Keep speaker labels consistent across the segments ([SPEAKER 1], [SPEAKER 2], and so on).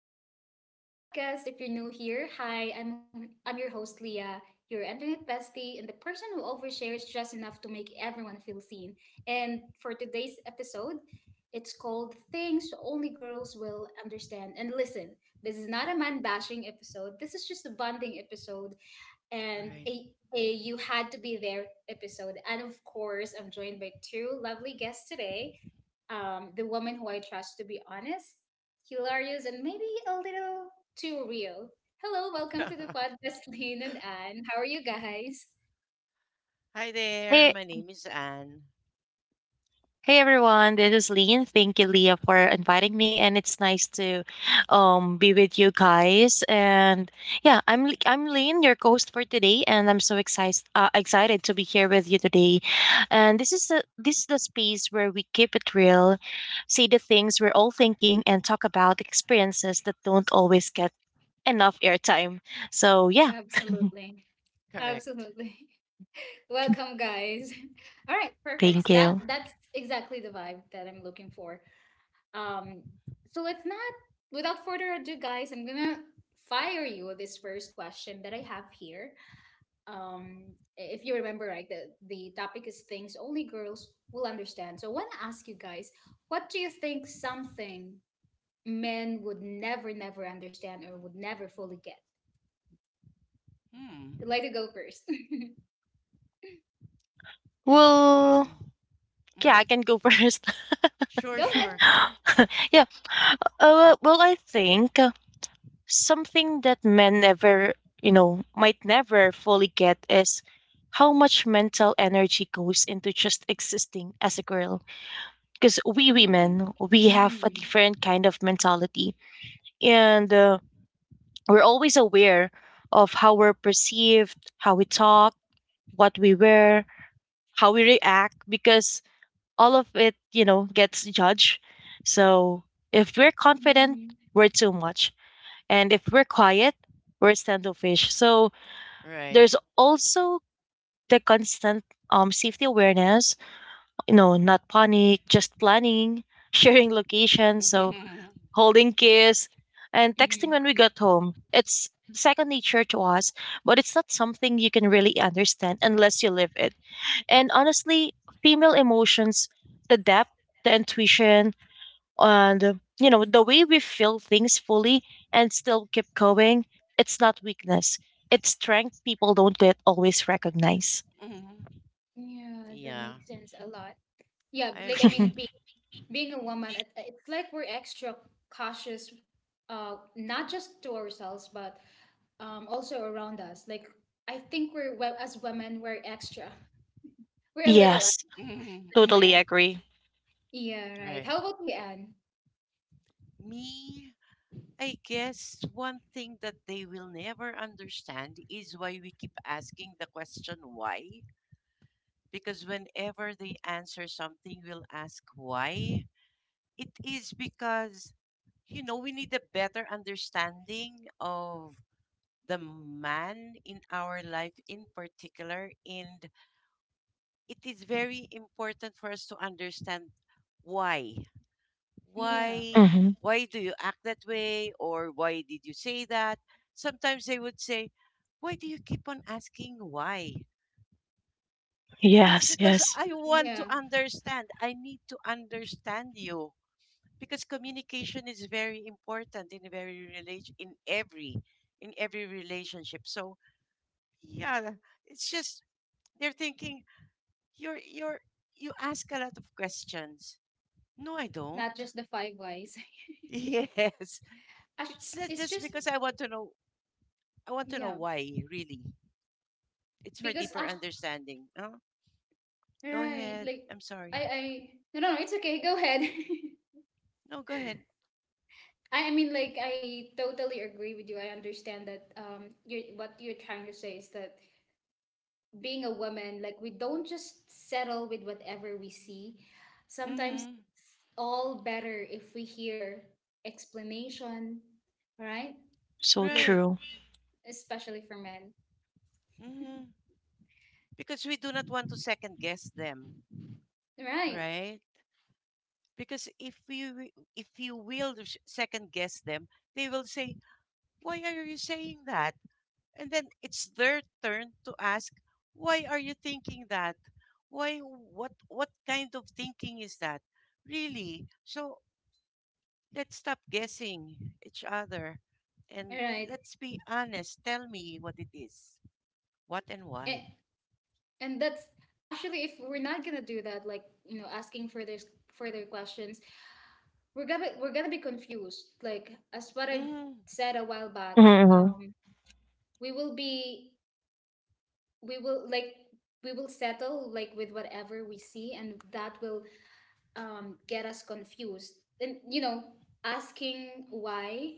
[SPEAKER 1] and welcome back to the podcast. If you're new here, hi, I'm your host Leah, your internet bestie, and the person who overshares just enough to make everyone feel seen. And for today's episode, it's called Things Only Girls Will Understand. And listen, this is not a man bashing episode. This is just a bonding episode and
[SPEAKER 2] Right.
[SPEAKER 1] a, a you had to be there episode. And of course, I'm joined by two lovely guests today, the woman who I trust to be honest, hilarious, and maybe a little too real. Hello, welcome to the podcast, Lynn and Anne. How are you guys?
[SPEAKER 2] Hi there.
[SPEAKER 3] Hey,
[SPEAKER 2] My name is Anne.
[SPEAKER 3] hey everyone, this is Lean. Thank you, Leah, for inviting me, and it's nice to be with you guys. And yeah, I'm Lean, your host for today, and I'm so excited to be here with you today. And this is the space where we keep it real, say the things we're all thinking, and talk about experiences that don't always get enough airtime. So yeah,
[SPEAKER 1] Absolutely.
[SPEAKER 2] Correct.
[SPEAKER 1] Absolutely. Welcome guys. All right, perfect.
[SPEAKER 3] thank
[SPEAKER 1] That
[SPEAKER 3] you.
[SPEAKER 1] that's exactly the vibe that I'm looking for. Um so let's not Without further ado guys, I'm going to fire you with this first question that I have here. If you remember right, the topic is things only girls will understand. So I want to ask you guys, what do you think something men would never, never understand or would never fully get?
[SPEAKER 2] Hmm.
[SPEAKER 1] I'd like to go first.
[SPEAKER 2] Okay.
[SPEAKER 3] Well, yeah, I
[SPEAKER 2] Mhm.
[SPEAKER 3] can go first.
[SPEAKER 2] Sure,
[SPEAKER 1] Go ahead.
[SPEAKER 2] sure.
[SPEAKER 3] Yeah. Well, I think something that men never, might never fully get is how much mental energy goes into just existing as a girl. Because we
[SPEAKER 2] Mm.
[SPEAKER 3] women, we have a
[SPEAKER 1] Mm,
[SPEAKER 3] different kind of mentality, and we're always aware of how we're perceived, how we talk, what we wear, how we react, because all of it, gets judged. So if we're confident,
[SPEAKER 1] mm,
[SPEAKER 3] we're too much. And if we're quiet, we're standoffish. So
[SPEAKER 2] Right.
[SPEAKER 3] there's also the constant safety awareness, not panic, just planning, sharing location, so holding kiss, and texting
[SPEAKER 1] mhm.
[SPEAKER 3] when we got home. It's second nature to us, but it's not something you can really understand unless you live it. And honestly, female emotions, the depth, the intuition, and you know the way we feel things fully and still keep going, it's not weakness, it's strength people don't get always recognize.
[SPEAKER 2] Mhm.
[SPEAKER 1] Yeah, that
[SPEAKER 2] Yeah,
[SPEAKER 1] makes sense a lot. Yeah,
[SPEAKER 2] I
[SPEAKER 1] like I
[SPEAKER 2] agree.
[SPEAKER 1] mean, being a woman, it's like we're extra cautious, not just to ourselves but also around us. Like, I think we're, well, as women, we're extra, we're a little less
[SPEAKER 3] Yes,
[SPEAKER 2] Mhm.
[SPEAKER 1] than
[SPEAKER 3] totally
[SPEAKER 1] men,
[SPEAKER 2] Mhm.
[SPEAKER 3] agree.
[SPEAKER 1] yeah, right?
[SPEAKER 2] Right.
[SPEAKER 1] How about we Anne?
[SPEAKER 2] Me, I guess one thing that they will never understand is why we keep asking the question why. Because whenever they answer something, we'll ask why. It is because, you know, we need a better understanding of the man in our life in particular, and it is very important for us to understand why.
[SPEAKER 1] Yeah,
[SPEAKER 2] why
[SPEAKER 3] Hmm.
[SPEAKER 2] why do you act that way, or why did you say that? Sometimes they would say, why do you keep on asking why? It is
[SPEAKER 3] Yes,
[SPEAKER 2] because
[SPEAKER 3] yes.
[SPEAKER 2] I want to
[SPEAKER 1] yeah.
[SPEAKER 2] understand, I need to understand you, because communication is very important in very relation, in every relationship. So yeah, it's just they're thinking, you're you ask a lot of questions. No, I
[SPEAKER 1] Not
[SPEAKER 2] don't.
[SPEAKER 1] just the five whys.
[SPEAKER 2] Yes,
[SPEAKER 1] Ash-
[SPEAKER 2] it's not
[SPEAKER 1] it's
[SPEAKER 2] just
[SPEAKER 1] just
[SPEAKER 2] because I want to know, I want to know
[SPEAKER 1] yeah
[SPEAKER 2] why, really. It's for
[SPEAKER 1] because
[SPEAKER 2] deeper
[SPEAKER 1] Ash,
[SPEAKER 2] understanding. Oh, go
[SPEAKER 1] right,
[SPEAKER 2] ahead,
[SPEAKER 1] like,
[SPEAKER 2] I'm sorry.
[SPEAKER 1] I no, no, no, it's okay, go ahead.
[SPEAKER 2] No, go ahead.
[SPEAKER 1] I mean, like, I totally agree with you. I understand that, you, what you're trying to say, is that being a woman, like, we don't just settle with whatever we see. Sometimes
[SPEAKER 2] Mm-hmm.
[SPEAKER 1] it's all better if we hear explanation, right?
[SPEAKER 3] So
[SPEAKER 1] Like,
[SPEAKER 2] Right.
[SPEAKER 3] true.
[SPEAKER 1] especially for men.
[SPEAKER 2] Mm-hmm. Because we do not want to second guess them.
[SPEAKER 1] Right.
[SPEAKER 2] Right, because if you will second guess them, they will say, why are you saying that? And then it's their turn to ask, why are you thinking that? Why what what kind of thinking is that, really? So let's stop guessing each other, and
[SPEAKER 1] Right.
[SPEAKER 2] let's be honest. Tell me what it is, what and why.
[SPEAKER 1] And, and that's actually if we're not gonna do that, like, you know, asking further questions, we're gonna be confused. Like, as what I've
[SPEAKER 2] Hmm.
[SPEAKER 1] said a while back,
[SPEAKER 3] Hmm.
[SPEAKER 1] um, we will be, we will like, we will settle like with whatever we see, and that will, get us confused. And, you know, asking why,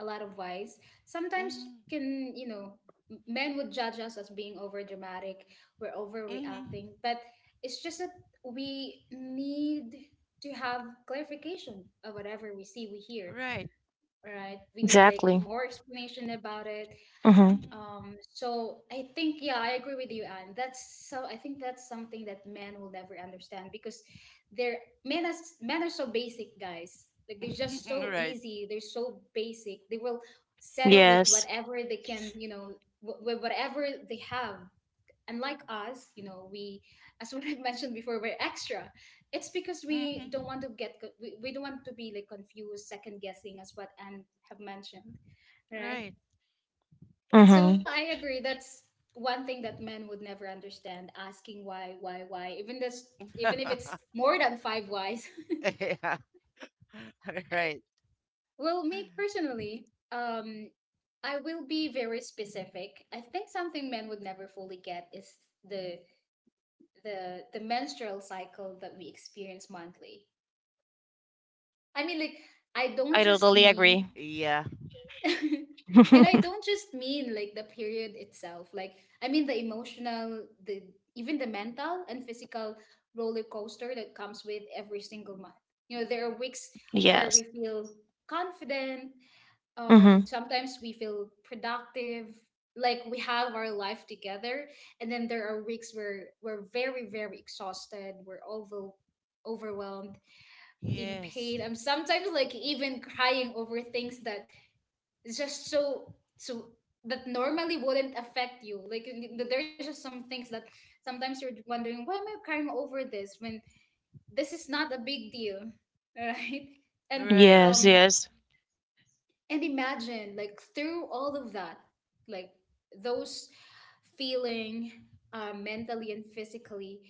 [SPEAKER 1] a lot of whys sometimes
[SPEAKER 2] Hmm.
[SPEAKER 1] can, you know, men would judge us as being over dramatic, we're
[SPEAKER 2] Hmm.
[SPEAKER 1] overreacting. But it's just that we need to have clarification of whatever we see, we hear,
[SPEAKER 2] Right.
[SPEAKER 1] right? We need like
[SPEAKER 3] Exactly.
[SPEAKER 1] more explanation about it.
[SPEAKER 3] Hmm.
[SPEAKER 2] Hmm.
[SPEAKER 1] Um, so I think, yeah, I agree with you, Anne. That's so. I think that's something that men will never understand because they're men. As men are so basic, guys. Like, they're just so
[SPEAKER 2] Right.
[SPEAKER 1] easy. They're so basic. They will settle with
[SPEAKER 3] Yes.
[SPEAKER 1] whatever they can. You know, with whatever they have. Unlike us, you know, we, as what I mentioned before, we're extra. It's because
[SPEAKER 2] Hmm.
[SPEAKER 1] we don't want to get, we don't want to be like confused, second guessing, as what Anne have mentioned, right?
[SPEAKER 2] Right.
[SPEAKER 1] So
[SPEAKER 3] Hmm.
[SPEAKER 1] yeah, I agree, that's one thing that men would never understand, asking why, even if it's more than five whys.
[SPEAKER 2] Yeah. Right.
[SPEAKER 1] Well, me personally, um I will be very specific. I think something men would never fully get is the the menstrual cycle that we experience monthly. I mean, like, I don't
[SPEAKER 3] I
[SPEAKER 1] just
[SPEAKER 3] totally
[SPEAKER 1] mean
[SPEAKER 3] agree.
[SPEAKER 2] Yeah.
[SPEAKER 1] and I don't just mean like the period itself. Like, I mean the emotional, the even the mental and physical roller coaster that comes with every single month. You know, there are weeks where
[SPEAKER 3] Yes.
[SPEAKER 1] we feel confident.
[SPEAKER 3] Hmm.
[SPEAKER 1] Sometimes we feel productive, like we have our life together. And then there are weeks where we're very, very exhausted. We're overwhelmed, in
[SPEAKER 2] Yes.
[SPEAKER 1] pain. I'm sometimes like even crying over things that, it's just so so that normally wouldn't affect you. Like, there's just some things that sometimes you're wondering, why am I crying over this when this is not a big deal, right? And
[SPEAKER 2] Right.
[SPEAKER 3] Yes,
[SPEAKER 1] um
[SPEAKER 3] yes.
[SPEAKER 1] and imagine like through all of that, like, those feeling, mentally and physically,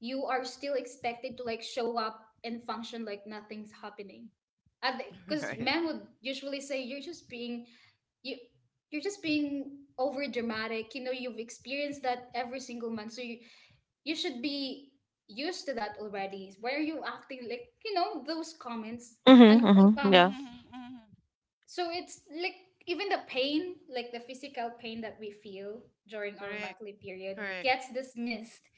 [SPEAKER 1] you are still expected to like show up and function like nothing's happening. Because
[SPEAKER 2] Right.
[SPEAKER 1] men would usually say, you're just being, you you're just being over dramatic. You know, you've experienced that every single month, so you should be used to that already. Why are you acting like, you know, those comments.
[SPEAKER 3] Hmm.
[SPEAKER 1] And like,
[SPEAKER 3] Hmm. Yeah.
[SPEAKER 2] Mm-hmm, mm-hmm.
[SPEAKER 1] so it's like, even the pain, like the physical pain that we feel during our
[SPEAKER 2] Correct.
[SPEAKER 1] monthly period
[SPEAKER 2] Correct.
[SPEAKER 1] gets dismissed.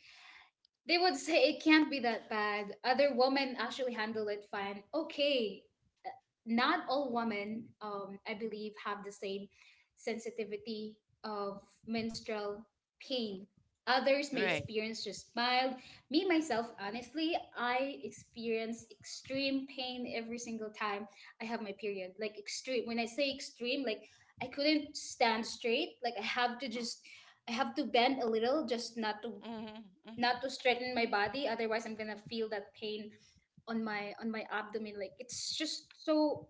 [SPEAKER 1] They would say it can't be that bad. Other women actually handle it fine. Okay, uh, not all women, I believe, have the same sensitivity of menstrual pain. Others may
[SPEAKER 2] Right.
[SPEAKER 1] experience just mild. Me, myself, honestly, I experience extreme pain every single time I have my period. Like, extreme. When I say extreme, like, I couldn't stand straight. Like, I have to bend a little, just not to,
[SPEAKER 2] Mm-hmm, mm-hmm,
[SPEAKER 1] not to straighten my body, otherwise I'm gonna feel that pain on my, on my abdomen. Like, it's just so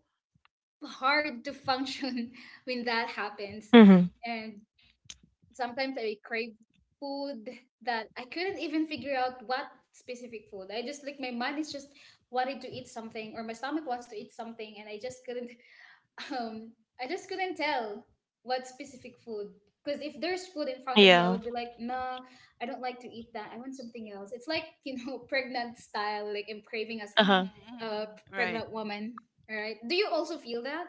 [SPEAKER 1] hard to function when that happens.
[SPEAKER 3] Hmm.
[SPEAKER 1] And sometimes I crave food that I couldn't even figure out what specific food. I just like, my mind is just wanted to eat something, or my stomach wants to eat something, and I just couldn't, um I just couldn't tell what specific food. Because if there's food in front of me I
[SPEAKER 3] Yeah.
[SPEAKER 1] would be like, no, I don't like to eat that, I want something else. It's like, you know, pregnant style, like I'm craving as
[SPEAKER 2] mm-hmm,
[SPEAKER 3] Uh-huh.
[SPEAKER 1] a
[SPEAKER 2] mm-hmm. Right.
[SPEAKER 1] pregnant woman, right? Do you also feel that?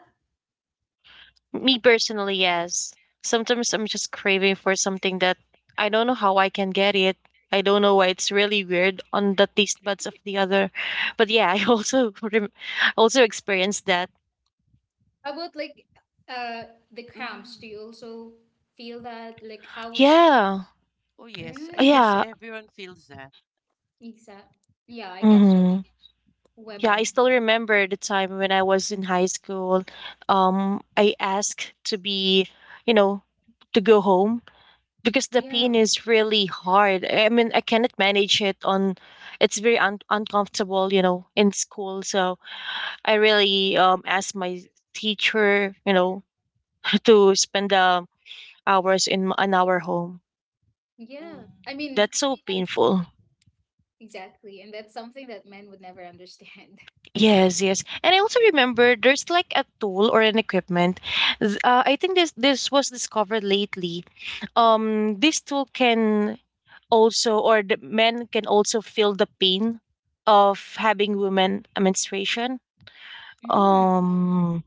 [SPEAKER 3] Me personally, yes. Sometimes I'm just craving for something that I don't know how I can get it. I don't know why. It's really weird on the taste buds of the other. But yeah, I also also experienced that.
[SPEAKER 1] How about like, uh the cramps, do you
[SPEAKER 2] Mm-hmm.
[SPEAKER 1] also feel that? Like, how's,
[SPEAKER 3] Yeah.
[SPEAKER 2] Oh, yes. I
[SPEAKER 1] right,
[SPEAKER 2] guess
[SPEAKER 3] Yeah.
[SPEAKER 2] everyone feels that.
[SPEAKER 1] exact, yeah, I guess so,
[SPEAKER 3] Hmm. Yeah, I
[SPEAKER 1] women,
[SPEAKER 3] still
[SPEAKER 2] Mm-hmm,
[SPEAKER 3] remember the time when I was in high school. I asked to be, you know, to go home because the
[SPEAKER 1] yeah,
[SPEAKER 3] pain
[SPEAKER 2] mm-hmm,
[SPEAKER 3] is really hard. I mean, I cannot manage it on. It's very uncomfortable, you know, in school. So I really asked my teacher, you know, to spend the hours in an our home.
[SPEAKER 1] yeah,
[SPEAKER 2] mm-hmm,
[SPEAKER 1] I mean,
[SPEAKER 3] That's so painful.
[SPEAKER 1] exactly, and that's something that men would never understand.
[SPEAKER 3] Yes, yes. And I also remember there's like a tool or an equipment. I think this was discovered lately. This tool can also or the men can also feel the pain of having women a menstruation.
[SPEAKER 1] Mm.
[SPEAKER 2] mm-hmm.
[SPEAKER 3] Um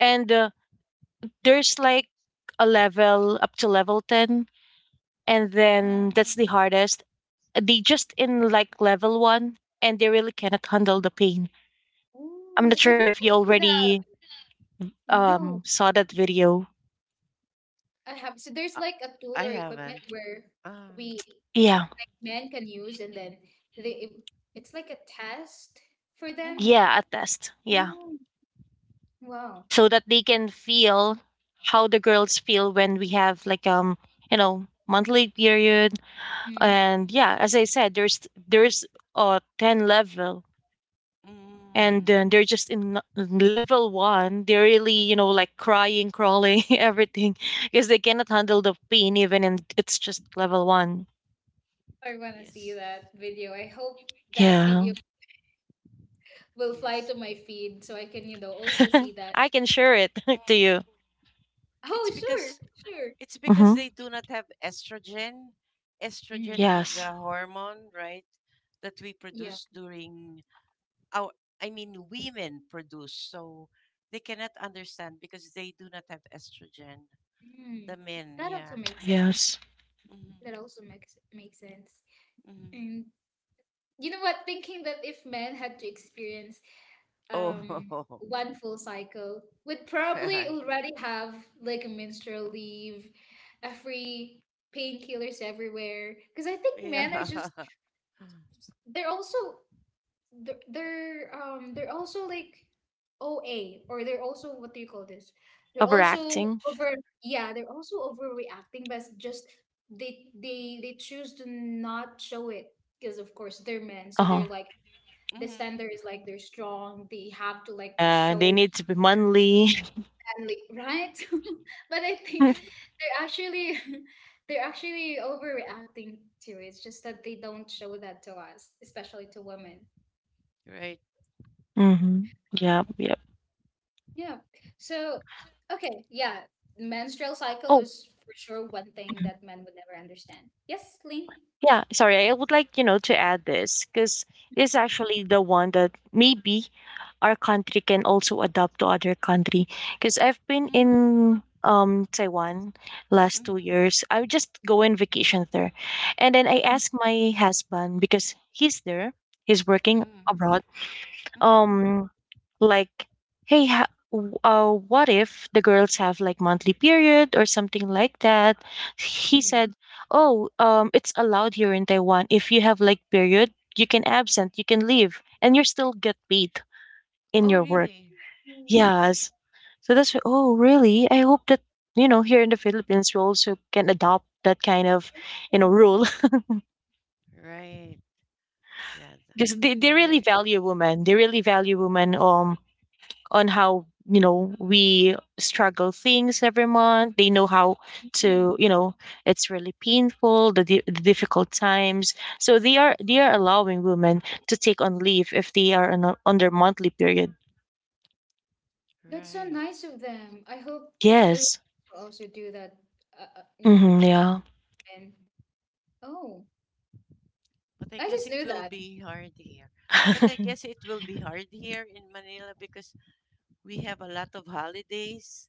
[SPEAKER 3] and There's like a level up to level 10, and then that's
[SPEAKER 2] Mm-hmm.
[SPEAKER 3] the hardest. They just in like level 1 and they really cannot handle the pain. I'm
[SPEAKER 1] Oh,
[SPEAKER 3] not
[SPEAKER 1] I'd
[SPEAKER 3] sure
[SPEAKER 1] like
[SPEAKER 3] if you
[SPEAKER 1] to see that.
[SPEAKER 3] already
[SPEAKER 1] No,
[SPEAKER 3] saw that video.
[SPEAKER 1] I have. So there's
[SPEAKER 2] Uh,
[SPEAKER 1] like a tool
[SPEAKER 2] I
[SPEAKER 1] or equipment
[SPEAKER 2] haven't.
[SPEAKER 1] where
[SPEAKER 2] Um.
[SPEAKER 1] we
[SPEAKER 3] Yeah.
[SPEAKER 1] men can use, and then they it, it's like a test for them.
[SPEAKER 2] Mm-hmm,
[SPEAKER 3] Yeah, a test, yeah.
[SPEAKER 1] Oh, wow.
[SPEAKER 3] So that they can feel how the girls feel when we have like you know, monthly period.
[SPEAKER 1] Mm.
[SPEAKER 3] And yeah, as I said, there's 10 level, and then
[SPEAKER 2] mm-hmm.
[SPEAKER 3] they're just in level one, they're really, you know, like crying, crawling, everything, because they cannot handle the pain even in it's just level one.
[SPEAKER 1] I want to see
[SPEAKER 2] Yes.
[SPEAKER 1] that video. I hope that
[SPEAKER 3] Yeah.
[SPEAKER 1] video will fly
[SPEAKER 2] Yes.
[SPEAKER 1] to my feed so I can, you know, also see that.
[SPEAKER 3] I can share it to you.
[SPEAKER 2] Mm.
[SPEAKER 1] Oh,
[SPEAKER 2] It's
[SPEAKER 1] sure,
[SPEAKER 2] because
[SPEAKER 1] sure.
[SPEAKER 2] It's because
[SPEAKER 3] Mm-hmm.
[SPEAKER 2] they do not have estrogen. Estrogen
[SPEAKER 1] Hmm.
[SPEAKER 2] is
[SPEAKER 3] Yes,
[SPEAKER 2] a hormone, right? That we
[SPEAKER 1] Yeah.
[SPEAKER 2] produce during our, I mean, women produce. So they cannot understand because they do not have estrogen. The
[SPEAKER 1] Mm.
[SPEAKER 2] men,
[SPEAKER 1] That
[SPEAKER 2] yeah.
[SPEAKER 1] also makes sense.
[SPEAKER 3] yes.
[SPEAKER 2] Mm-hmm.
[SPEAKER 1] That also makes sense.
[SPEAKER 2] Mm-hmm.
[SPEAKER 1] And you know what? Thinking that if men had to experience,
[SPEAKER 2] Oh,
[SPEAKER 1] um, one full cycle, would probably already have like a menstrual leave, a free painkillers everywhere. Because I think
[SPEAKER 2] yeah.
[SPEAKER 1] men are just, they're also, they're also like OA, or they're also, what do you call this? They're also
[SPEAKER 3] Overacting.
[SPEAKER 1] over, yeah, they're also overreacting, but just they choose to not show it, because of course they're men, so they're
[SPEAKER 3] Uh-huh.
[SPEAKER 1] like, the standard is
[SPEAKER 2] Mm-hmm.
[SPEAKER 1] like they're strong, they have to like
[SPEAKER 3] They
[SPEAKER 1] show
[SPEAKER 3] need to be manly.
[SPEAKER 1] family, right? But I think they're actually, they're actually overreacting to it. It's just that they don't show that to us, especially to women.
[SPEAKER 2] Right.
[SPEAKER 3] Mm-hmm. Yep, yep.
[SPEAKER 1] Yeah. So, okay, yeah. Menstrual cycle
[SPEAKER 3] Oh,
[SPEAKER 1] is for sure one thing that men would never understand. Yes, Lynn?
[SPEAKER 3] yeah, sorry. I would like, you know, to add this because it's actually the one that maybe our country can also adopt to other country. Because I've been
[SPEAKER 2] Mm-hmm.
[SPEAKER 3] in Taiwan last two
[SPEAKER 2] Mm-hmm.
[SPEAKER 3] years. I would just go on vacation there. And then I
[SPEAKER 1] Mm,
[SPEAKER 3] asked my husband because he's there, he's
[SPEAKER 1] mm,
[SPEAKER 3] working
[SPEAKER 2] Mm-hmm.
[SPEAKER 3] abroad.
[SPEAKER 2] Mm-hmm.
[SPEAKER 3] Um like, hey, what if the girls have like monthly period or something like that? He
[SPEAKER 1] mm,
[SPEAKER 3] said, oh, it's allowed here in Taiwan. If you have like period, you can absent, you can leave, and you still get paid in
[SPEAKER 2] Oh,
[SPEAKER 3] your work.
[SPEAKER 2] really?
[SPEAKER 1] mm.
[SPEAKER 3] Yes. So that's why. Oh really, I hope that, you know, here in the Philippines we also can adopt that kind of, you know,
[SPEAKER 1] Mm,
[SPEAKER 3] rule.
[SPEAKER 2] Right. Yeah.
[SPEAKER 3] Because they
[SPEAKER 2] They're
[SPEAKER 3] really
[SPEAKER 2] very,
[SPEAKER 3] value women. They really value women on how, you know, we struggle things every month. They know how to,
[SPEAKER 1] mm.
[SPEAKER 3] you know, it's really painful, the difficult times. So they are, they are allowing women to take on leave if they are on, a, on their monthly period.
[SPEAKER 1] That's so
[SPEAKER 2] right.
[SPEAKER 1] nice of them. I hope Philippines
[SPEAKER 3] Yes.
[SPEAKER 1] will also do that. You know,
[SPEAKER 3] Mm-hmm, yeah.
[SPEAKER 1] and oh,
[SPEAKER 2] But I
[SPEAKER 1] I
[SPEAKER 2] guess
[SPEAKER 1] just
[SPEAKER 2] it
[SPEAKER 1] knew
[SPEAKER 2] will
[SPEAKER 1] that.
[SPEAKER 2] be hard here. But I guess it will be hard here in Manila because we have a lot of holidays.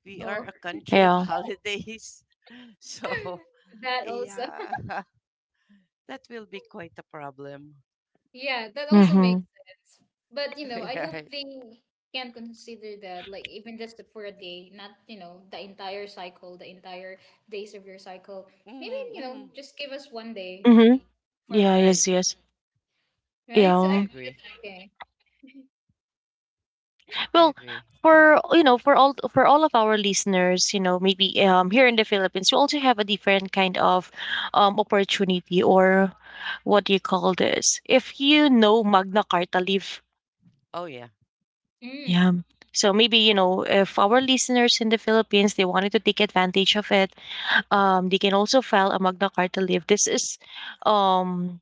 [SPEAKER 2] We are a country of
[SPEAKER 3] Yeah.
[SPEAKER 2] holidays. So,
[SPEAKER 1] That also,
[SPEAKER 2] yeah, that will be quite a problem.
[SPEAKER 1] yeah, that also makes
[SPEAKER 3] Mm-hmm,
[SPEAKER 1] sense. But you know, I hope
[SPEAKER 2] Yeah.
[SPEAKER 1] they can consider that, like even just for a day, not, you know, the entire cycle, the entire days of your cycle. Maybe,
[SPEAKER 2] Mm-hmm,
[SPEAKER 1] you know,
[SPEAKER 2] mm-hmm.
[SPEAKER 1] just give us one day
[SPEAKER 3] mm-hmm.
[SPEAKER 1] for
[SPEAKER 3] Yeah.
[SPEAKER 2] Right.
[SPEAKER 1] rest,
[SPEAKER 3] Yes, yes.
[SPEAKER 1] right?
[SPEAKER 2] I
[SPEAKER 1] So I
[SPEAKER 3] Yeah.
[SPEAKER 1] think
[SPEAKER 2] agree.
[SPEAKER 1] that's okay.
[SPEAKER 2] I
[SPEAKER 3] Well,
[SPEAKER 2] agree.
[SPEAKER 3] for, you know, for all of our listeners, you know, maybe here in the Philippines, you also have a different kind of opportunity or what do you call this? If you know, Magna Carta leave,
[SPEAKER 2] Oh, yeah.
[SPEAKER 1] Mm.
[SPEAKER 3] yeah. So maybe, you know, if our listeners in the Philippines they wanted to take advantage of it, they can also file a Magna Carta leave. This is um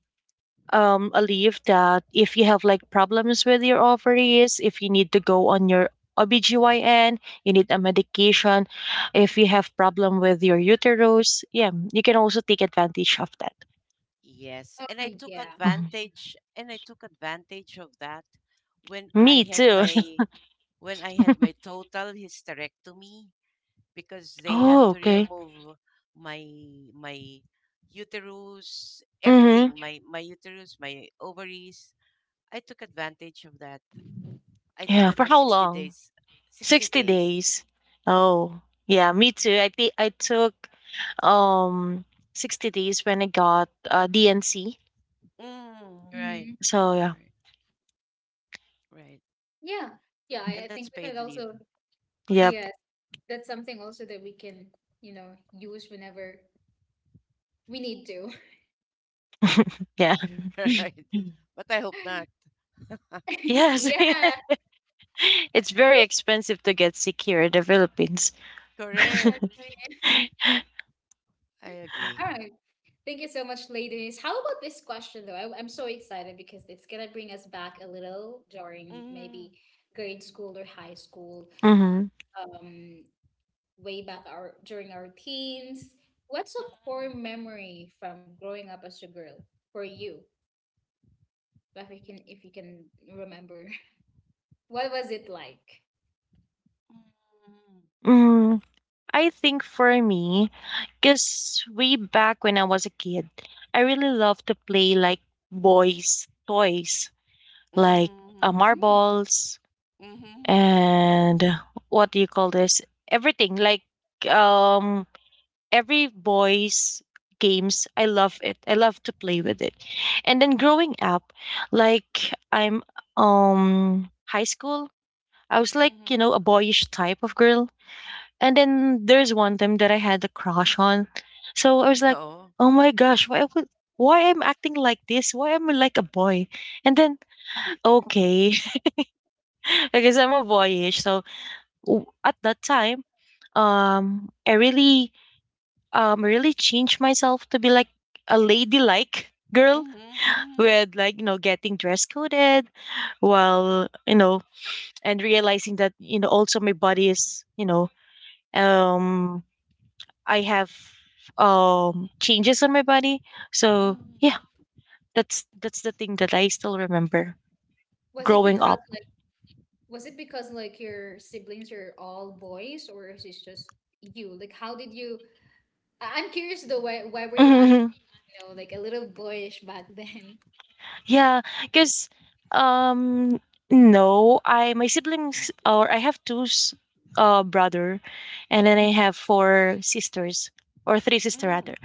[SPEAKER 3] a leave that if you have like problems with your ovaries, if you need to go on your OBGYN, you need a medication, if you have problem with your uterus, yeah, you can also take advantage of that.
[SPEAKER 2] Yes.
[SPEAKER 1] Oh
[SPEAKER 2] And I took
[SPEAKER 1] yeah.
[SPEAKER 3] Mhm.
[SPEAKER 2] advantage, and I took advantage of that when I
[SPEAKER 3] Me
[SPEAKER 2] had
[SPEAKER 3] too.
[SPEAKER 2] my total hysterectomy because they had
[SPEAKER 3] Oh,
[SPEAKER 2] to
[SPEAKER 3] okay.
[SPEAKER 2] remove my my uterus, everything,
[SPEAKER 3] Mm-hmm.
[SPEAKER 2] my uterus, my ovaries. I took advantage of that. I think
[SPEAKER 3] Yeah,
[SPEAKER 2] that
[SPEAKER 3] for
[SPEAKER 2] was
[SPEAKER 3] how
[SPEAKER 2] 60
[SPEAKER 3] long?
[SPEAKER 2] days. 60
[SPEAKER 3] 60
[SPEAKER 2] days.
[SPEAKER 3] days. Oh, yeah, me too. I think I took um 60 days when I got DNC.
[SPEAKER 2] Mm,
[SPEAKER 1] Mm.
[SPEAKER 3] So yeah.
[SPEAKER 2] right, right.
[SPEAKER 1] Yeah. Yeah. I
[SPEAKER 2] And
[SPEAKER 1] think
[SPEAKER 2] that's
[SPEAKER 1] we could
[SPEAKER 2] paid leave.
[SPEAKER 1] also,
[SPEAKER 3] Yep.
[SPEAKER 2] Hmm.
[SPEAKER 1] yes, that's something also that we can, you know, use whenever we need to.
[SPEAKER 3] Yeah.
[SPEAKER 2] Right. But I hope not.
[SPEAKER 3] Yes.
[SPEAKER 1] Yeah.
[SPEAKER 3] It's very expensive to get sick here in the Philippines.
[SPEAKER 2] Correct.
[SPEAKER 1] Exactly.
[SPEAKER 2] I
[SPEAKER 1] All
[SPEAKER 2] agree.
[SPEAKER 1] right. Thank you so much, ladies. How about this question, though? I'm so excited because it's going to bring us back a little during
[SPEAKER 2] Mm,
[SPEAKER 1] maybe grade school or high school,
[SPEAKER 3] Hmm.
[SPEAKER 1] um, way back our during our teens.
[SPEAKER 2] mm,
[SPEAKER 3] Mm, I think for me, because way back when I was a kid, I really loved to play like boys' toys, like
[SPEAKER 2] mm,
[SPEAKER 3] marbles
[SPEAKER 2] mm, mm,
[SPEAKER 3] and what do you call this? Everything like um every boys games, I love it, I love to play with it. And then growing up, like
[SPEAKER 1] What's a
[SPEAKER 3] I'm
[SPEAKER 1] core memory from growing up as a girl
[SPEAKER 3] high
[SPEAKER 1] for you?
[SPEAKER 3] school, I was like,
[SPEAKER 1] If you
[SPEAKER 3] you
[SPEAKER 2] mm.
[SPEAKER 3] know,
[SPEAKER 1] can
[SPEAKER 3] a
[SPEAKER 1] remember,
[SPEAKER 3] boyish type of
[SPEAKER 1] what was
[SPEAKER 3] girl.
[SPEAKER 1] it like?
[SPEAKER 3] And then there's one time that I had a crush on, so I was like,
[SPEAKER 2] Oh.
[SPEAKER 3] oh my gosh, why would, why I'm acting like this, why am I
[SPEAKER 1] Mm.
[SPEAKER 3] like a boy? And then okay, I guess I'm a boyish. So w- at that time, I really really changed myself to be like a ladylike girl,
[SPEAKER 2] Mm-hmm,
[SPEAKER 3] with like, you know, getting dress coded while, you know, and realizing that, you know, also my body is, you know, um I have changes on my body.
[SPEAKER 2] mm,
[SPEAKER 3] So
[SPEAKER 2] mm,
[SPEAKER 3] yeah, that's the thing that I still remember growing up.
[SPEAKER 1] Was it because like was it because like your siblings are all boys, or is it just you? Like, how did you? I'm curious though. Why were you, at you know, like a little boyish back then.
[SPEAKER 3] Yeah, because um no, I my siblings or I have brother, and then I
[SPEAKER 1] Mhm.
[SPEAKER 3] have four sisters or three sister
[SPEAKER 2] mm.
[SPEAKER 3] rather,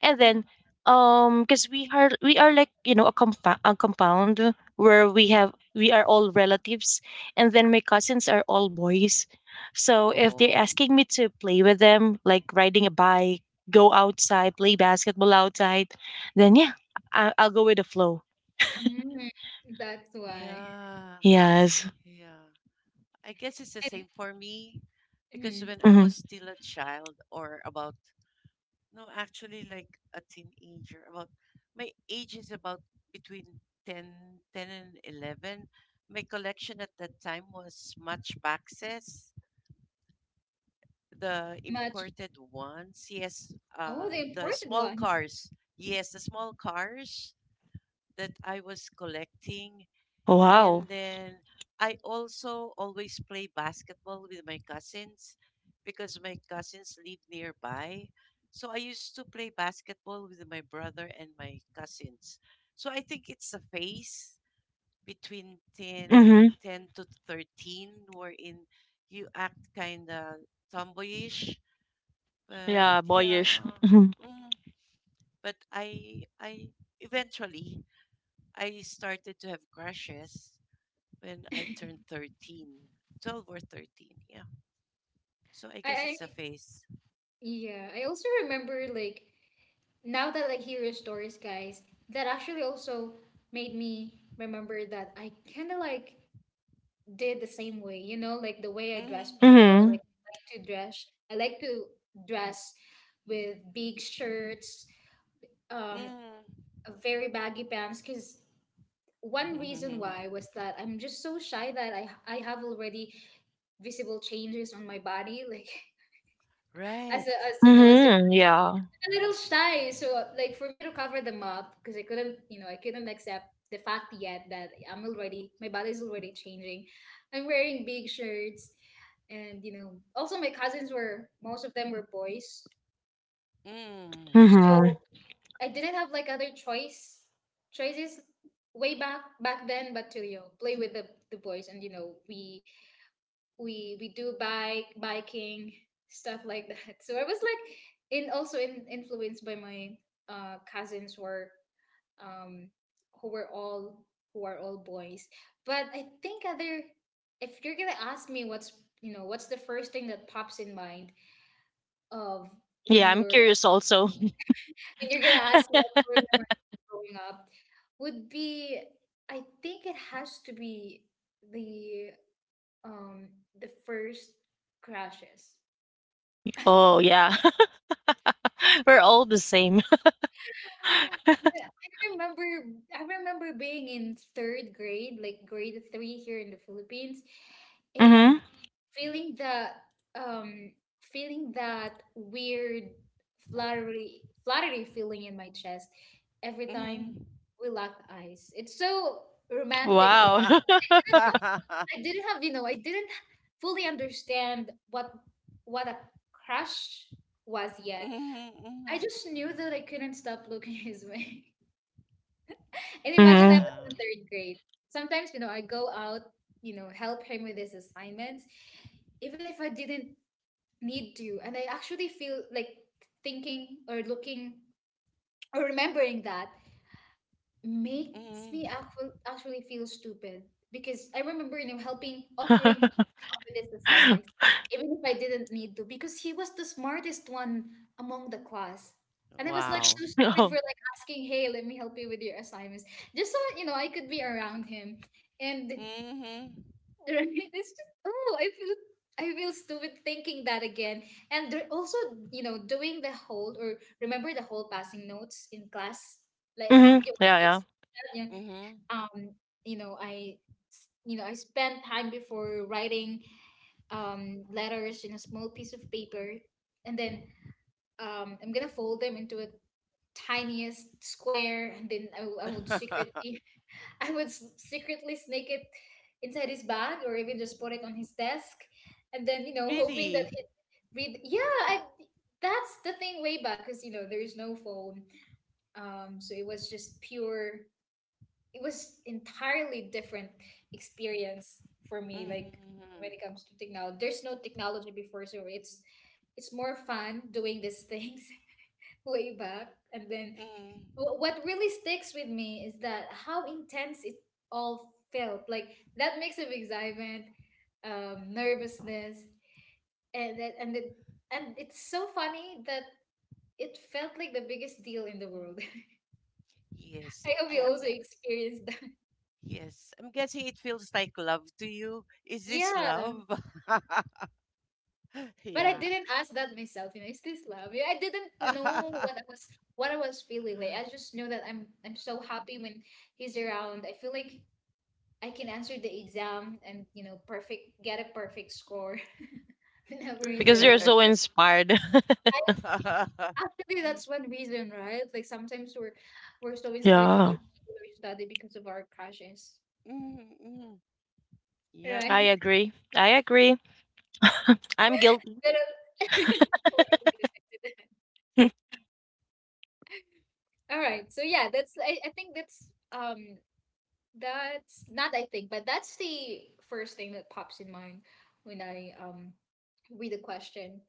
[SPEAKER 3] and then
[SPEAKER 2] Mhm.
[SPEAKER 3] because we are like, you know, a a compound where we have, we are all relatives, and then my cousins are all boys. So if they're
[SPEAKER 2] Oh,
[SPEAKER 3] asking me to play with them like riding a bike, go outside, play basketball outside, then yeah, I'll go with the flow.
[SPEAKER 1] Mm, that's why.
[SPEAKER 2] yeah,
[SPEAKER 3] Yes.
[SPEAKER 2] yeah. I guess it's the same
[SPEAKER 1] And
[SPEAKER 2] for me because
[SPEAKER 1] mhm,
[SPEAKER 2] when I
[SPEAKER 3] Mhm.
[SPEAKER 2] was still a child, or about, no, actually like a teenager, about my age is about between ten and 11. My collection at that time was matchboxes, the
[SPEAKER 1] much,
[SPEAKER 2] imported ones. Yes,
[SPEAKER 1] oh, the
[SPEAKER 2] the
[SPEAKER 1] important
[SPEAKER 2] small
[SPEAKER 1] ones.
[SPEAKER 2] cars. Yes, the small cars that I was collecting.
[SPEAKER 3] Wow.
[SPEAKER 2] And then I also always play basketball with my cousins because my cousins live nearby. So I used to play basketball with my brother and my cousins. So I think it's a phase between ten,
[SPEAKER 3] Mhm.
[SPEAKER 2] ten to 13 wherein you act kind of tomboyish. But
[SPEAKER 3] Yeah, boyish.
[SPEAKER 2] yeah,
[SPEAKER 3] Mhm.
[SPEAKER 2] mm, but I eventually I started to have crushes when I turned 13, 12 or 13. Yeah. So I guess
[SPEAKER 1] I,
[SPEAKER 2] it's a
[SPEAKER 1] I,
[SPEAKER 2] phase.
[SPEAKER 1] yeah, I also remember, like, now that I hear your stories, guys, that actually also made me remember that I kind of like did the same way, you know, like the way I dressed
[SPEAKER 2] Mm-hmm.
[SPEAKER 1] before, like,
[SPEAKER 3] Mhm.
[SPEAKER 1] I like to dress with big shirts, um, very baggy pants, because one reason
[SPEAKER 2] Mm-hmm.
[SPEAKER 1] why was that I'm just so shy that I have already visible changes on my body like as
[SPEAKER 2] Right.
[SPEAKER 1] a as you know as
[SPEAKER 3] Mhm. Yeah.
[SPEAKER 1] a little shy. So like for me to cover them up, because I couldn't, I couldn't accept the fact yet that I'm already my body's already changing. I'm wearing big shirts, and you know, also my cousins were, most of them were boys,
[SPEAKER 2] Mm.
[SPEAKER 3] Mhm.
[SPEAKER 1] so I didn't have like other choices way back then, but to, you know, play with the boys, and you know, we do bike biking, stuff like that. So I was like influenced by my cousins who are, um, who were all, who are all boys. But I think other, if you're gonna ask me what's, you know, what's the first thing that pops in mind of when
[SPEAKER 3] Yeah, I'm
[SPEAKER 1] you're,
[SPEAKER 3] curious also.
[SPEAKER 1] when you're gonna ask me what I remember growing up would be, I think it has to be the um the first crashes.
[SPEAKER 3] Oh, yeah. We're all the same.
[SPEAKER 1] Yeah, I remember being in third grade, like grade three here in the Philippines, and
[SPEAKER 3] Mhm.
[SPEAKER 1] feeling that um feeling that weird fluttery feeling in my chest every time
[SPEAKER 2] Mm-hmm.
[SPEAKER 1] we locked eyes. It's so romantic, right?
[SPEAKER 3] Wow.
[SPEAKER 1] I didn't have, you know, I didn't fully understand what a crush was yet.
[SPEAKER 2] Mm-hmm.
[SPEAKER 1] I just knew that I couldn't stop looking his way. And imagine, I
[SPEAKER 3] Mhm.
[SPEAKER 2] Yeah.
[SPEAKER 1] was in third grade. Sometimes, you know, I go out, you know, help him with his assignments, even if I didn't need to. And I actually feel like thinking or looking or remembering that makes me
[SPEAKER 2] Mm-hmm.
[SPEAKER 1] actually feel stupid, because I remember, you know, helping, offering for this assignment, even if I didn't need to, because he was the smartest one among the class. And I was like
[SPEAKER 2] Wow.
[SPEAKER 1] so stupid for
[SPEAKER 3] Oh.
[SPEAKER 1] like asking, hey, let me help you with your assignments. Just so you know, I could be around him. And
[SPEAKER 2] Mm-hmm.
[SPEAKER 1] it's just, oh, I feel, I feel stupid thinking that again. And they're also, you know, doing the whole, or remember the whole passing notes in class. Like, have
[SPEAKER 3] Mhm.
[SPEAKER 1] you also
[SPEAKER 3] Yeah, yeah.
[SPEAKER 1] experienced that? Yeah.
[SPEAKER 2] Mm-hmm.
[SPEAKER 1] Um, you know, I spent time before writing letters in a small piece of paper, and then I'm gonna fold them into a tiniest square, and then I would secretly, secretly sneak it inside his bag, or even just put it on his desk, and then you know, hoping that
[SPEAKER 2] Really?
[SPEAKER 1] he read. Yeah, I. That's the thing way back, because you know there is no phone. So it was just pure, it was entirely different experience for me, like
[SPEAKER 2] Mm-hmm.
[SPEAKER 1] when it comes to technology, there's no technology before, so it's more fun doing these things way back. And then
[SPEAKER 2] Mm.
[SPEAKER 1] what really sticks with me is that how intense it all felt, like that mix of excitement, nervousness and it, and it's so funny that it felt like the biggest deal in the world.
[SPEAKER 2] Yes.
[SPEAKER 1] I hope
[SPEAKER 2] I
[SPEAKER 1] you
[SPEAKER 2] am,
[SPEAKER 1] also experienced that.
[SPEAKER 2] yes. I'm guessing it feels like love to you. Is this
[SPEAKER 1] Yeah.
[SPEAKER 2] love?
[SPEAKER 1] But I
[SPEAKER 2] Yeah.
[SPEAKER 1] didn't ask that myself, you know, is this love? Yeah, I didn't know what I was, what I was feeling. Like I just know that I'm so happy when he's around. I feel like I can answer the exam and you know, perfect get a perfect score whenever he's
[SPEAKER 3] Because you're
[SPEAKER 1] around.
[SPEAKER 3] so
[SPEAKER 2] Mhm,
[SPEAKER 3] inspired.
[SPEAKER 1] I,
[SPEAKER 2] mhm.
[SPEAKER 1] actually that's one reason, right? Like sometimes we're so inspired to go
[SPEAKER 3] Yeah.
[SPEAKER 1] to school or study because of our crushes.
[SPEAKER 2] Yep.
[SPEAKER 3] I
[SPEAKER 1] Right?
[SPEAKER 3] agree. I agree. I'm guilty.
[SPEAKER 1] Pero- we're all guilty. All right. So yeah, that's, I think that's that's not, I think, but that's the first thing that pops in mind when I read the question.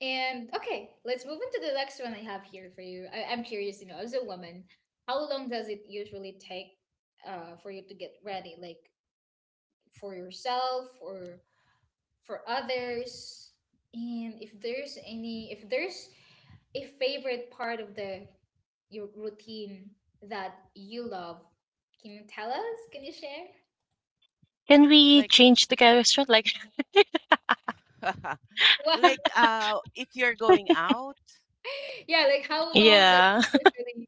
[SPEAKER 1] And okay, let's move into the next one I have here for you. I'm curious, you know, as a woman, how long does it usually take for you to get ready? Like for yourself or for others? And if there's any, if there's a favorite part of the, your routine that you love, can you tell us? Can you share?
[SPEAKER 3] Can we
[SPEAKER 2] Like
[SPEAKER 3] change the question? Like,
[SPEAKER 1] Wow.
[SPEAKER 2] like if you're going out.
[SPEAKER 1] Yeah, like how long does it
[SPEAKER 3] yeah.
[SPEAKER 1] usually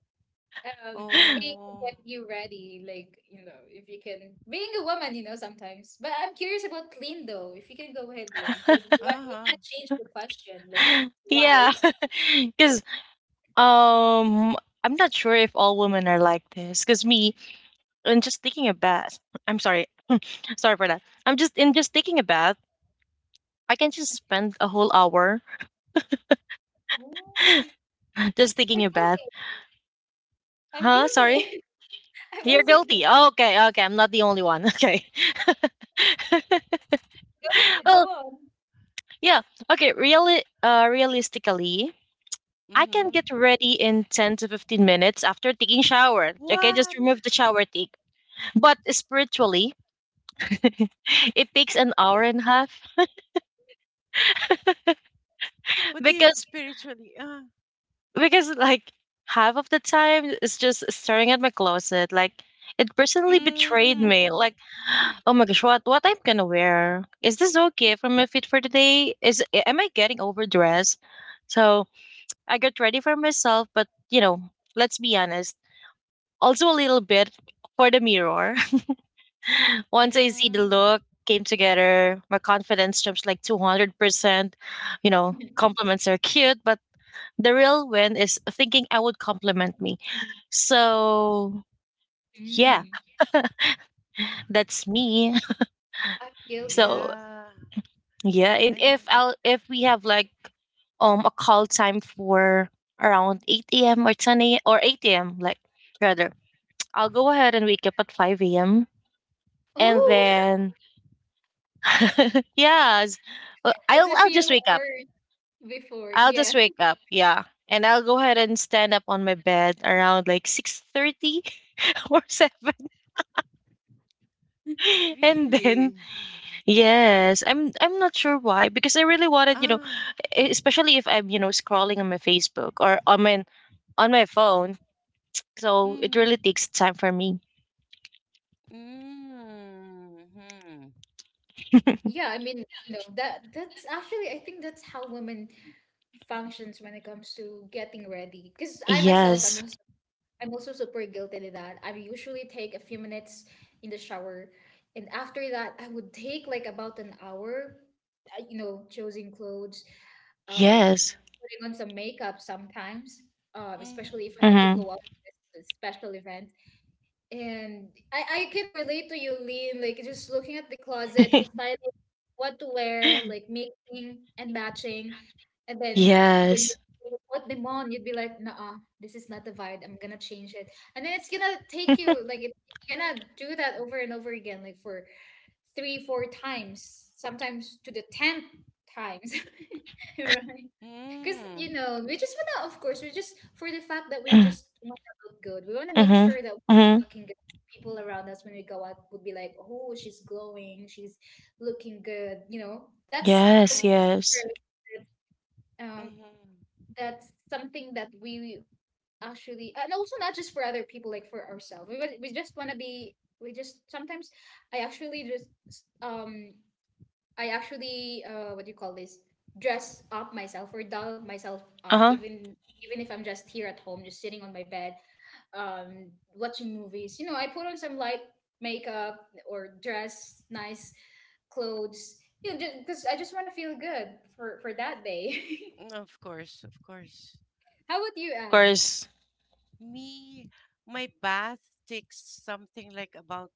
[SPEAKER 1] take to
[SPEAKER 2] Oh.
[SPEAKER 1] get you ready? Like, you know, if you can, being a woman, you know, sometimes. But I'm curious about Lynn though. If you can go ahead, Lynn, because you
[SPEAKER 2] Uh-huh.
[SPEAKER 1] want to change the question. Like,
[SPEAKER 3] Yeah.
[SPEAKER 1] why?
[SPEAKER 3] Because Um, I'm not sure if all women are like this. Cause me, in just taking a bath, I'm sorry, sorry for that. I'm just in just taking a bath, I can just spend a whole hour
[SPEAKER 1] Oh,
[SPEAKER 3] just taking
[SPEAKER 1] we're
[SPEAKER 3] a bath.
[SPEAKER 1] guilty. I'm
[SPEAKER 3] Huh? Sorry,
[SPEAKER 1] guilty. I'm
[SPEAKER 3] you're
[SPEAKER 1] also
[SPEAKER 3] guilty.
[SPEAKER 1] guilty.
[SPEAKER 3] Oh, okay, okay, I'm not the only one. Okay.
[SPEAKER 1] Go ahead, go
[SPEAKER 3] Well,
[SPEAKER 1] on.
[SPEAKER 3] yeah. Okay. Really, realistically, I can
[SPEAKER 2] Mhm.
[SPEAKER 3] get ready in 10 to 15 minutes after taking shower. Okay, just
[SPEAKER 2] What?
[SPEAKER 3] remove the shower take. But spiritually, it takes an hour and a half.
[SPEAKER 2] What do you mean
[SPEAKER 3] Because
[SPEAKER 2] spiritually?
[SPEAKER 3] because like half of the time it's just staring at my closet like it personally betrayed
[SPEAKER 2] Mm.
[SPEAKER 3] me, like oh my gosh, what I'm gonna wear, is this okay for my fit for today, am I getting overdressed? So I got ready for myself, but you know, let's be honest, also a little bit for the mirror. Once I see the
[SPEAKER 2] Mm.
[SPEAKER 3] look came together, my confidence jumps like 200%. You know, compliments are cute, but the real win is thinking I would compliment me. So yeah,
[SPEAKER 1] Mm,
[SPEAKER 3] that's me.
[SPEAKER 1] I'm
[SPEAKER 3] So
[SPEAKER 1] guilty.
[SPEAKER 2] Yeah.
[SPEAKER 3] yeah, and
[SPEAKER 2] I
[SPEAKER 3] if
[SPEAKER 2] mean,
[SPEAKER 3] I'll, if we have like a call time for around 8 a.m. or 10 a.m. or 8 a.m. like, rather, I'll go ahead and wake up at 5 a.m., and
[SPEAKER 2] mm.
[SPEAKER 1] Oh,
[SPEAKER 3] then yes.
[SPEAKER 1] it's a
[SPEAKER 3] I'll just
[SPEAKER 1] few
[SPEAKER 3] wake up.
[SPEAKER 1] hours before.
[SPEAKER 3] I'll just
[SPEAKER 1] Yeah.
[SPEAKER 3] wake up, yeah. And I'll go ahead and stand up on my bed around like 6:30 or seven, and then
[SPEAKER 2] Really?
[SPEAKER 3] yes, I'm not sure why, because I really wanted, you know,
[SPEAKER 2] Ah.
[SPEAKER 3] especially if I'm, you know, scrolling on my Facebook or on my phone. So it
[SPEAKER 2] Mm.
[SPEAKER 3] really takes time for me.
[SPEAKER 2] Mm.
[SPEAKER 1] Yeah, I mean, you know, that that's actually, I think that's how women functions when it comes to getting ready, because I myself,
[SPEAKER 3] Yes.
[SPEAKER 1] I'm also super guilty to that. I usually take a few minutes in the shower, and after that I would take like about an hour you know, choosing clothes, um
[SPEAKER 3] Yes.
[SPEAKER 1] putting on some makeup sometimes,
[SPEAKER 2] Mm.
[SPEAKER 1] especially if I had to
[SPEAKER 3] Mhm.
[SPEAKER 1] go out to a special event. And I can relate to you, Lean, like just looking at the closet, deciding what to wear, like making and matching. And then when
[SPEAKER 3] Yes.
[SPEAKER 1] you, what demon, you'd be like, nah, this is not the vibe. I'm gonna change it. And then it's gonna take you like, it's gonna do that over and over again, like for three, four times, sometimes to the tenth times. Right. Because,
[SPEAKER 2] Mm.
[SPEAKER 1] you know, we just want to, of course, we just, for the fact that we
[SPEAKER 3] Mm,
[SPEAKER 1] just want to look good, we want to make
[SPEAKER 3] mhm.
[SPEAKER 1] sure that we're
[SPEAKER 3] Mhm.
[SPEAKER 1] looking good. People around us when we go out would be like, oh, she's glowing, she's looking good. You know, that's, of
[SPEAKER 3] Yes,
[SPEAKER 2] Mm-hmm.
[SPEAKER 3] yes.
[SPEAKER 1] course, um,
[SPEAKER 2] Mm-hmm.
[SPEAKER 1] that's something that we actually, and also not just for other people, like for ourselves. We just want to be, we just sometimes, I actually just um I actually, uh, what do you call this? Dress up myself or doll myself up,
[SPEAKER 3] Uh-huh.
[SPEAKER 1] even if I'm just here at home, just sitting on my bed, watching movies. You know, I put on some light makeup or dress nice clothes. You know, because I just want to feel good for that day.
[SPEAKER 2] Of course, of course.
[SPEAKER 1] How about you,
[SPEAKER 3] Of
[SPEAKER 1] Anne?
[SPEAKER 3] course.
[SPEAKER 2] Me, my bath takes something like about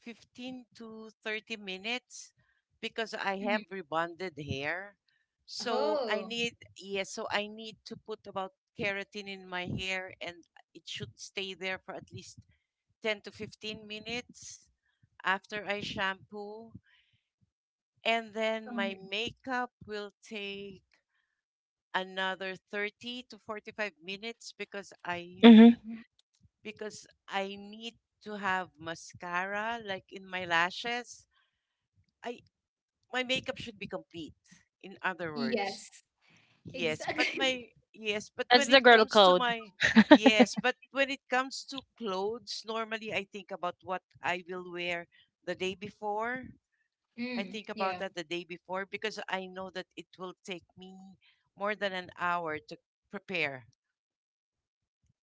[SPEAKER 2] 15 to 30 minutes because I have
[SPEAKER 1] Mhm.
[SPEAKER 2] rebonded hair. So I
[SPEAKER 1] Oh,
[SPEAKER 2] need, yes, so I need to put about keratin in my hair, and it should stay there for at least 10 to 15 minutes after I shampoo. And then my
[SPEAKER 1] um,
[SPEAKER 2] makeup will take another 30 to 45 minutes because I
[SPEAKER 3] Mhm.
[SPEAKER 2] because I need to have mascara like in my lashes. I my makeup should be complete. In other words,
[SPEAKER 1] yes,
[SPEAKER 2] yes, but
[SPEAKER 1] exactly.
[SPEAKER 2] my yes, but
[SPEAKER 3] That's
[SPEAKER 2] when
[SPEAKER 3] the
[SPEAKER 2] it
[SPEAKER 3] girl
[SPEAKER 2] comes to
[SPEAKER 3] code.
[SPEAKER 2] my yes, but when it comes to clothes, normally I think about what I will wear the day before. I
[SPEAKER 1] Mm,
[SPEAKER 2] think about
[SPEAKER 1] yeah,
[SPEAKER 2] that the day before because I know that it will take me more than an hour to prepare.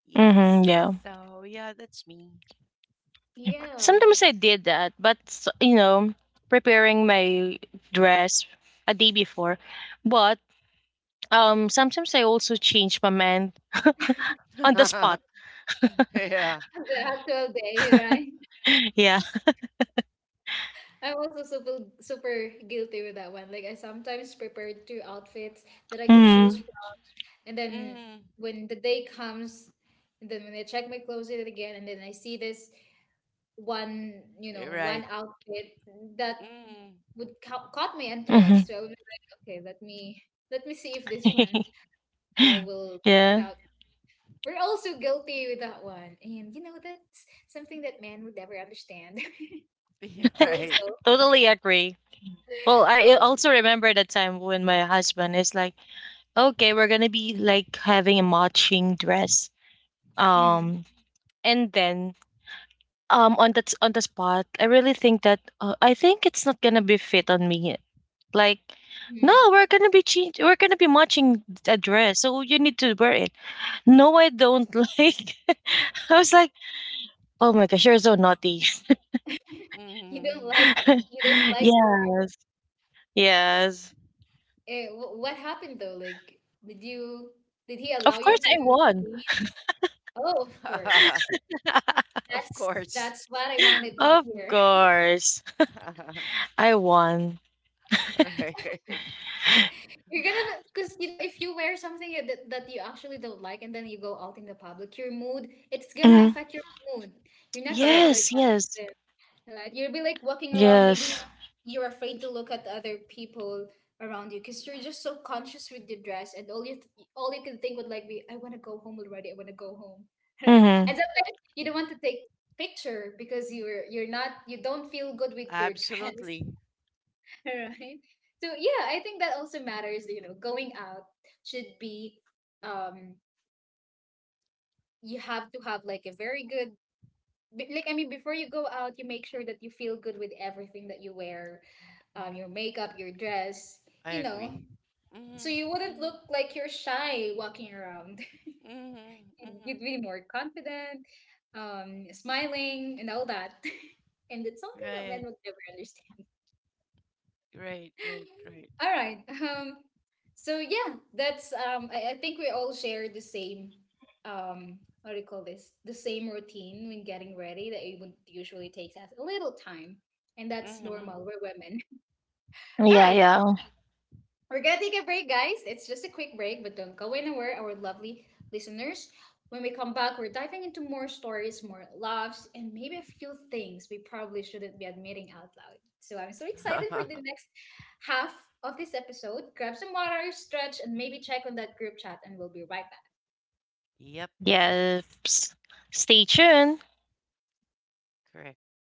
[SPEAKER 2] Yes.
[SPEAKER 3] Mhm, yeah.
[SPEAKER 2] So yeah, that's me.
[SPEAKER 1] yeah.
[SPEAKER 3] Sometimes I did that, but you know, preparing my dress a day before. But sometimes I also change my mind on the spot.
[SPEAKER 2] Yeah.
[SPEAKER 1] The actual day, right?
[SPEAKER 3] Yeah.
[SPEAKER 1] I'm also super super guilty with that one. Like I sometimes prepare two outfits that I could choose
[SPEAKER 3] Mm.
[SPEAKER 1] from, and then
[SPEAKER 2] Mm,
[SPEAKER 1] when the day comes, and then when I check my closet again, and then I see this one, you
[SPEAKER 2] you're
[SPEAKER 1] know, one
[SPEAKER 2] right.
[SPEAKER 1] outfit that
[SPEAKER 2] Mm,
[SPEAKER 1] would caught my interest.
[SPEAKER 3] Mm-hmm.
[SPEAKER 1] So I would be like, okay, let me see if this one will
[SPEAKER 3] Yeah.
[SPEAKER 1] turn out. We're also guilty with that one, and you know that's something that men would never understand.
[SPEAKER 2] you're right.
[SPEAKER 1] Also,
[SPEAKER 3] Totally agree. Well, I
[SPEAKER 1] also.
[SPEAKER 3] also
[SPEAKER 2] Right.
[SPEAKER 3] remember the time when my husband is like, "Okay, we're gonna be like having a matching dress."
[SPEAKER 1] Mm,
[SPEAKER 3] Um, and then on that, on the spot, I really think that I think it's not gonna be fit on me. Like, no,
[SPEAKER 1] mm.
[SPEAKER 3] we're gonna be change. We're gonna be matching a dress, so you need to wear it. No, I don't like. I was like, oh my gosh, you're so naughty.
[SPEAKER 1] You don't
[SPEAKER 2] Mm.
[SPEAKER 1] like, you don't like Rory.
[SPEAKER 3] Yes, yes.
[SPEAKER 1] Eh, what happened though? Like, did you, did he allow
[SPEAKER 3] Of course
[SPEAKER 1] you
[SPEAKER 3] I
[SPEAKER 1] to
[SPEAKER 3] won.
[SPEAKER 1] change? Oh, of course.
[SPEAKER 2] Of
[SPEAKER 1] That's
[SPEAKER 2] course.
[SPEAKER 1] that's what I wanted to
[SPEAKER 3] Of
[SPEAKER 1] hear.
[SPEAKER 3] course. I won.
[SPEAKER 2] Right.
[SPEAKER 1] You're gonna, because you know if you wear something that you actually don't like, and then you go out in the public, your mood, it's gonna
[SPEAKER 3] Hmm.
[SPEAKER 1] affect your mood. You're not gonna be
[SPEAKER 2] Correct.
[SPEAKER 1] like
[SPEAKER 3] Yes, yes,
[SPEAKER 1] confident. Right. You'll be like walking around. Maybe
[SPEAKER 3] yes.
[SPEAKER 1] you're afraid to look at other people around you because you're just so conscious with the dress, and all you can think would like be, I want to go home already. I want to go home. Right. And
[SPEAKER 3] Hmm.
[SPEAKER 1] sometimes you don't want to take picture because you're not, you don't feel good with your dress.
[SPEAKER 2] Absolutely.
[SPEAKER 1] Right. So yeah, I think that also matters. You know, going out should be um you have to have like a very good like, I mean, before you go out, you make sure that you feel good with everything that you wear, your makeup, your dress,
[SPEAKER 2] I
[SPEAKER 1] you know.
[SPEAKER 2] agree.
[SPEAKER 1] So
[SPEAKER 2] Mm,
[SPEAKER 1] you wouldn't
[SPEAKER 2] mm,
[SPEAKER 1] look like you're shy walking around.
[SPEAKER 2] mm, mm.
[SPEAKER 1] You'd be more confident, smiling, and all that. And it's something that men
[SPEAKER 2] Right.
[SPEAKER 1] would never understand.
[SPEAKER 2] Right. Right. Right.
[SPEAKER 1] All right. So yeah, that's. I think we all share the same. What do you call this? The same routine when getting ready, that it would usually takes us a little time, and that's
[SPEAKER 2] Mm.
[SPEAKER 1] normal. We're women. All
[SPEAKER 3] Yeah,
[SPEAKER 1] right.
[SPEAKER 3] yeah.
[SPEAKER 1] We're gonna take a break, guys. It's just a quick break, but don't go anywhere, our lovely listeners. When we come back, we're diving into more stories, more laughs, and maybe a few things we probably shouldn't be admitting out loud. So I'm so excited for the next half of this episode. Grab some water, stretch, and maybe check on that group chat, and we'll be right back.
[SPEAKER 3] Yes. Stay tuned.
[SPEAKER 2] Yep.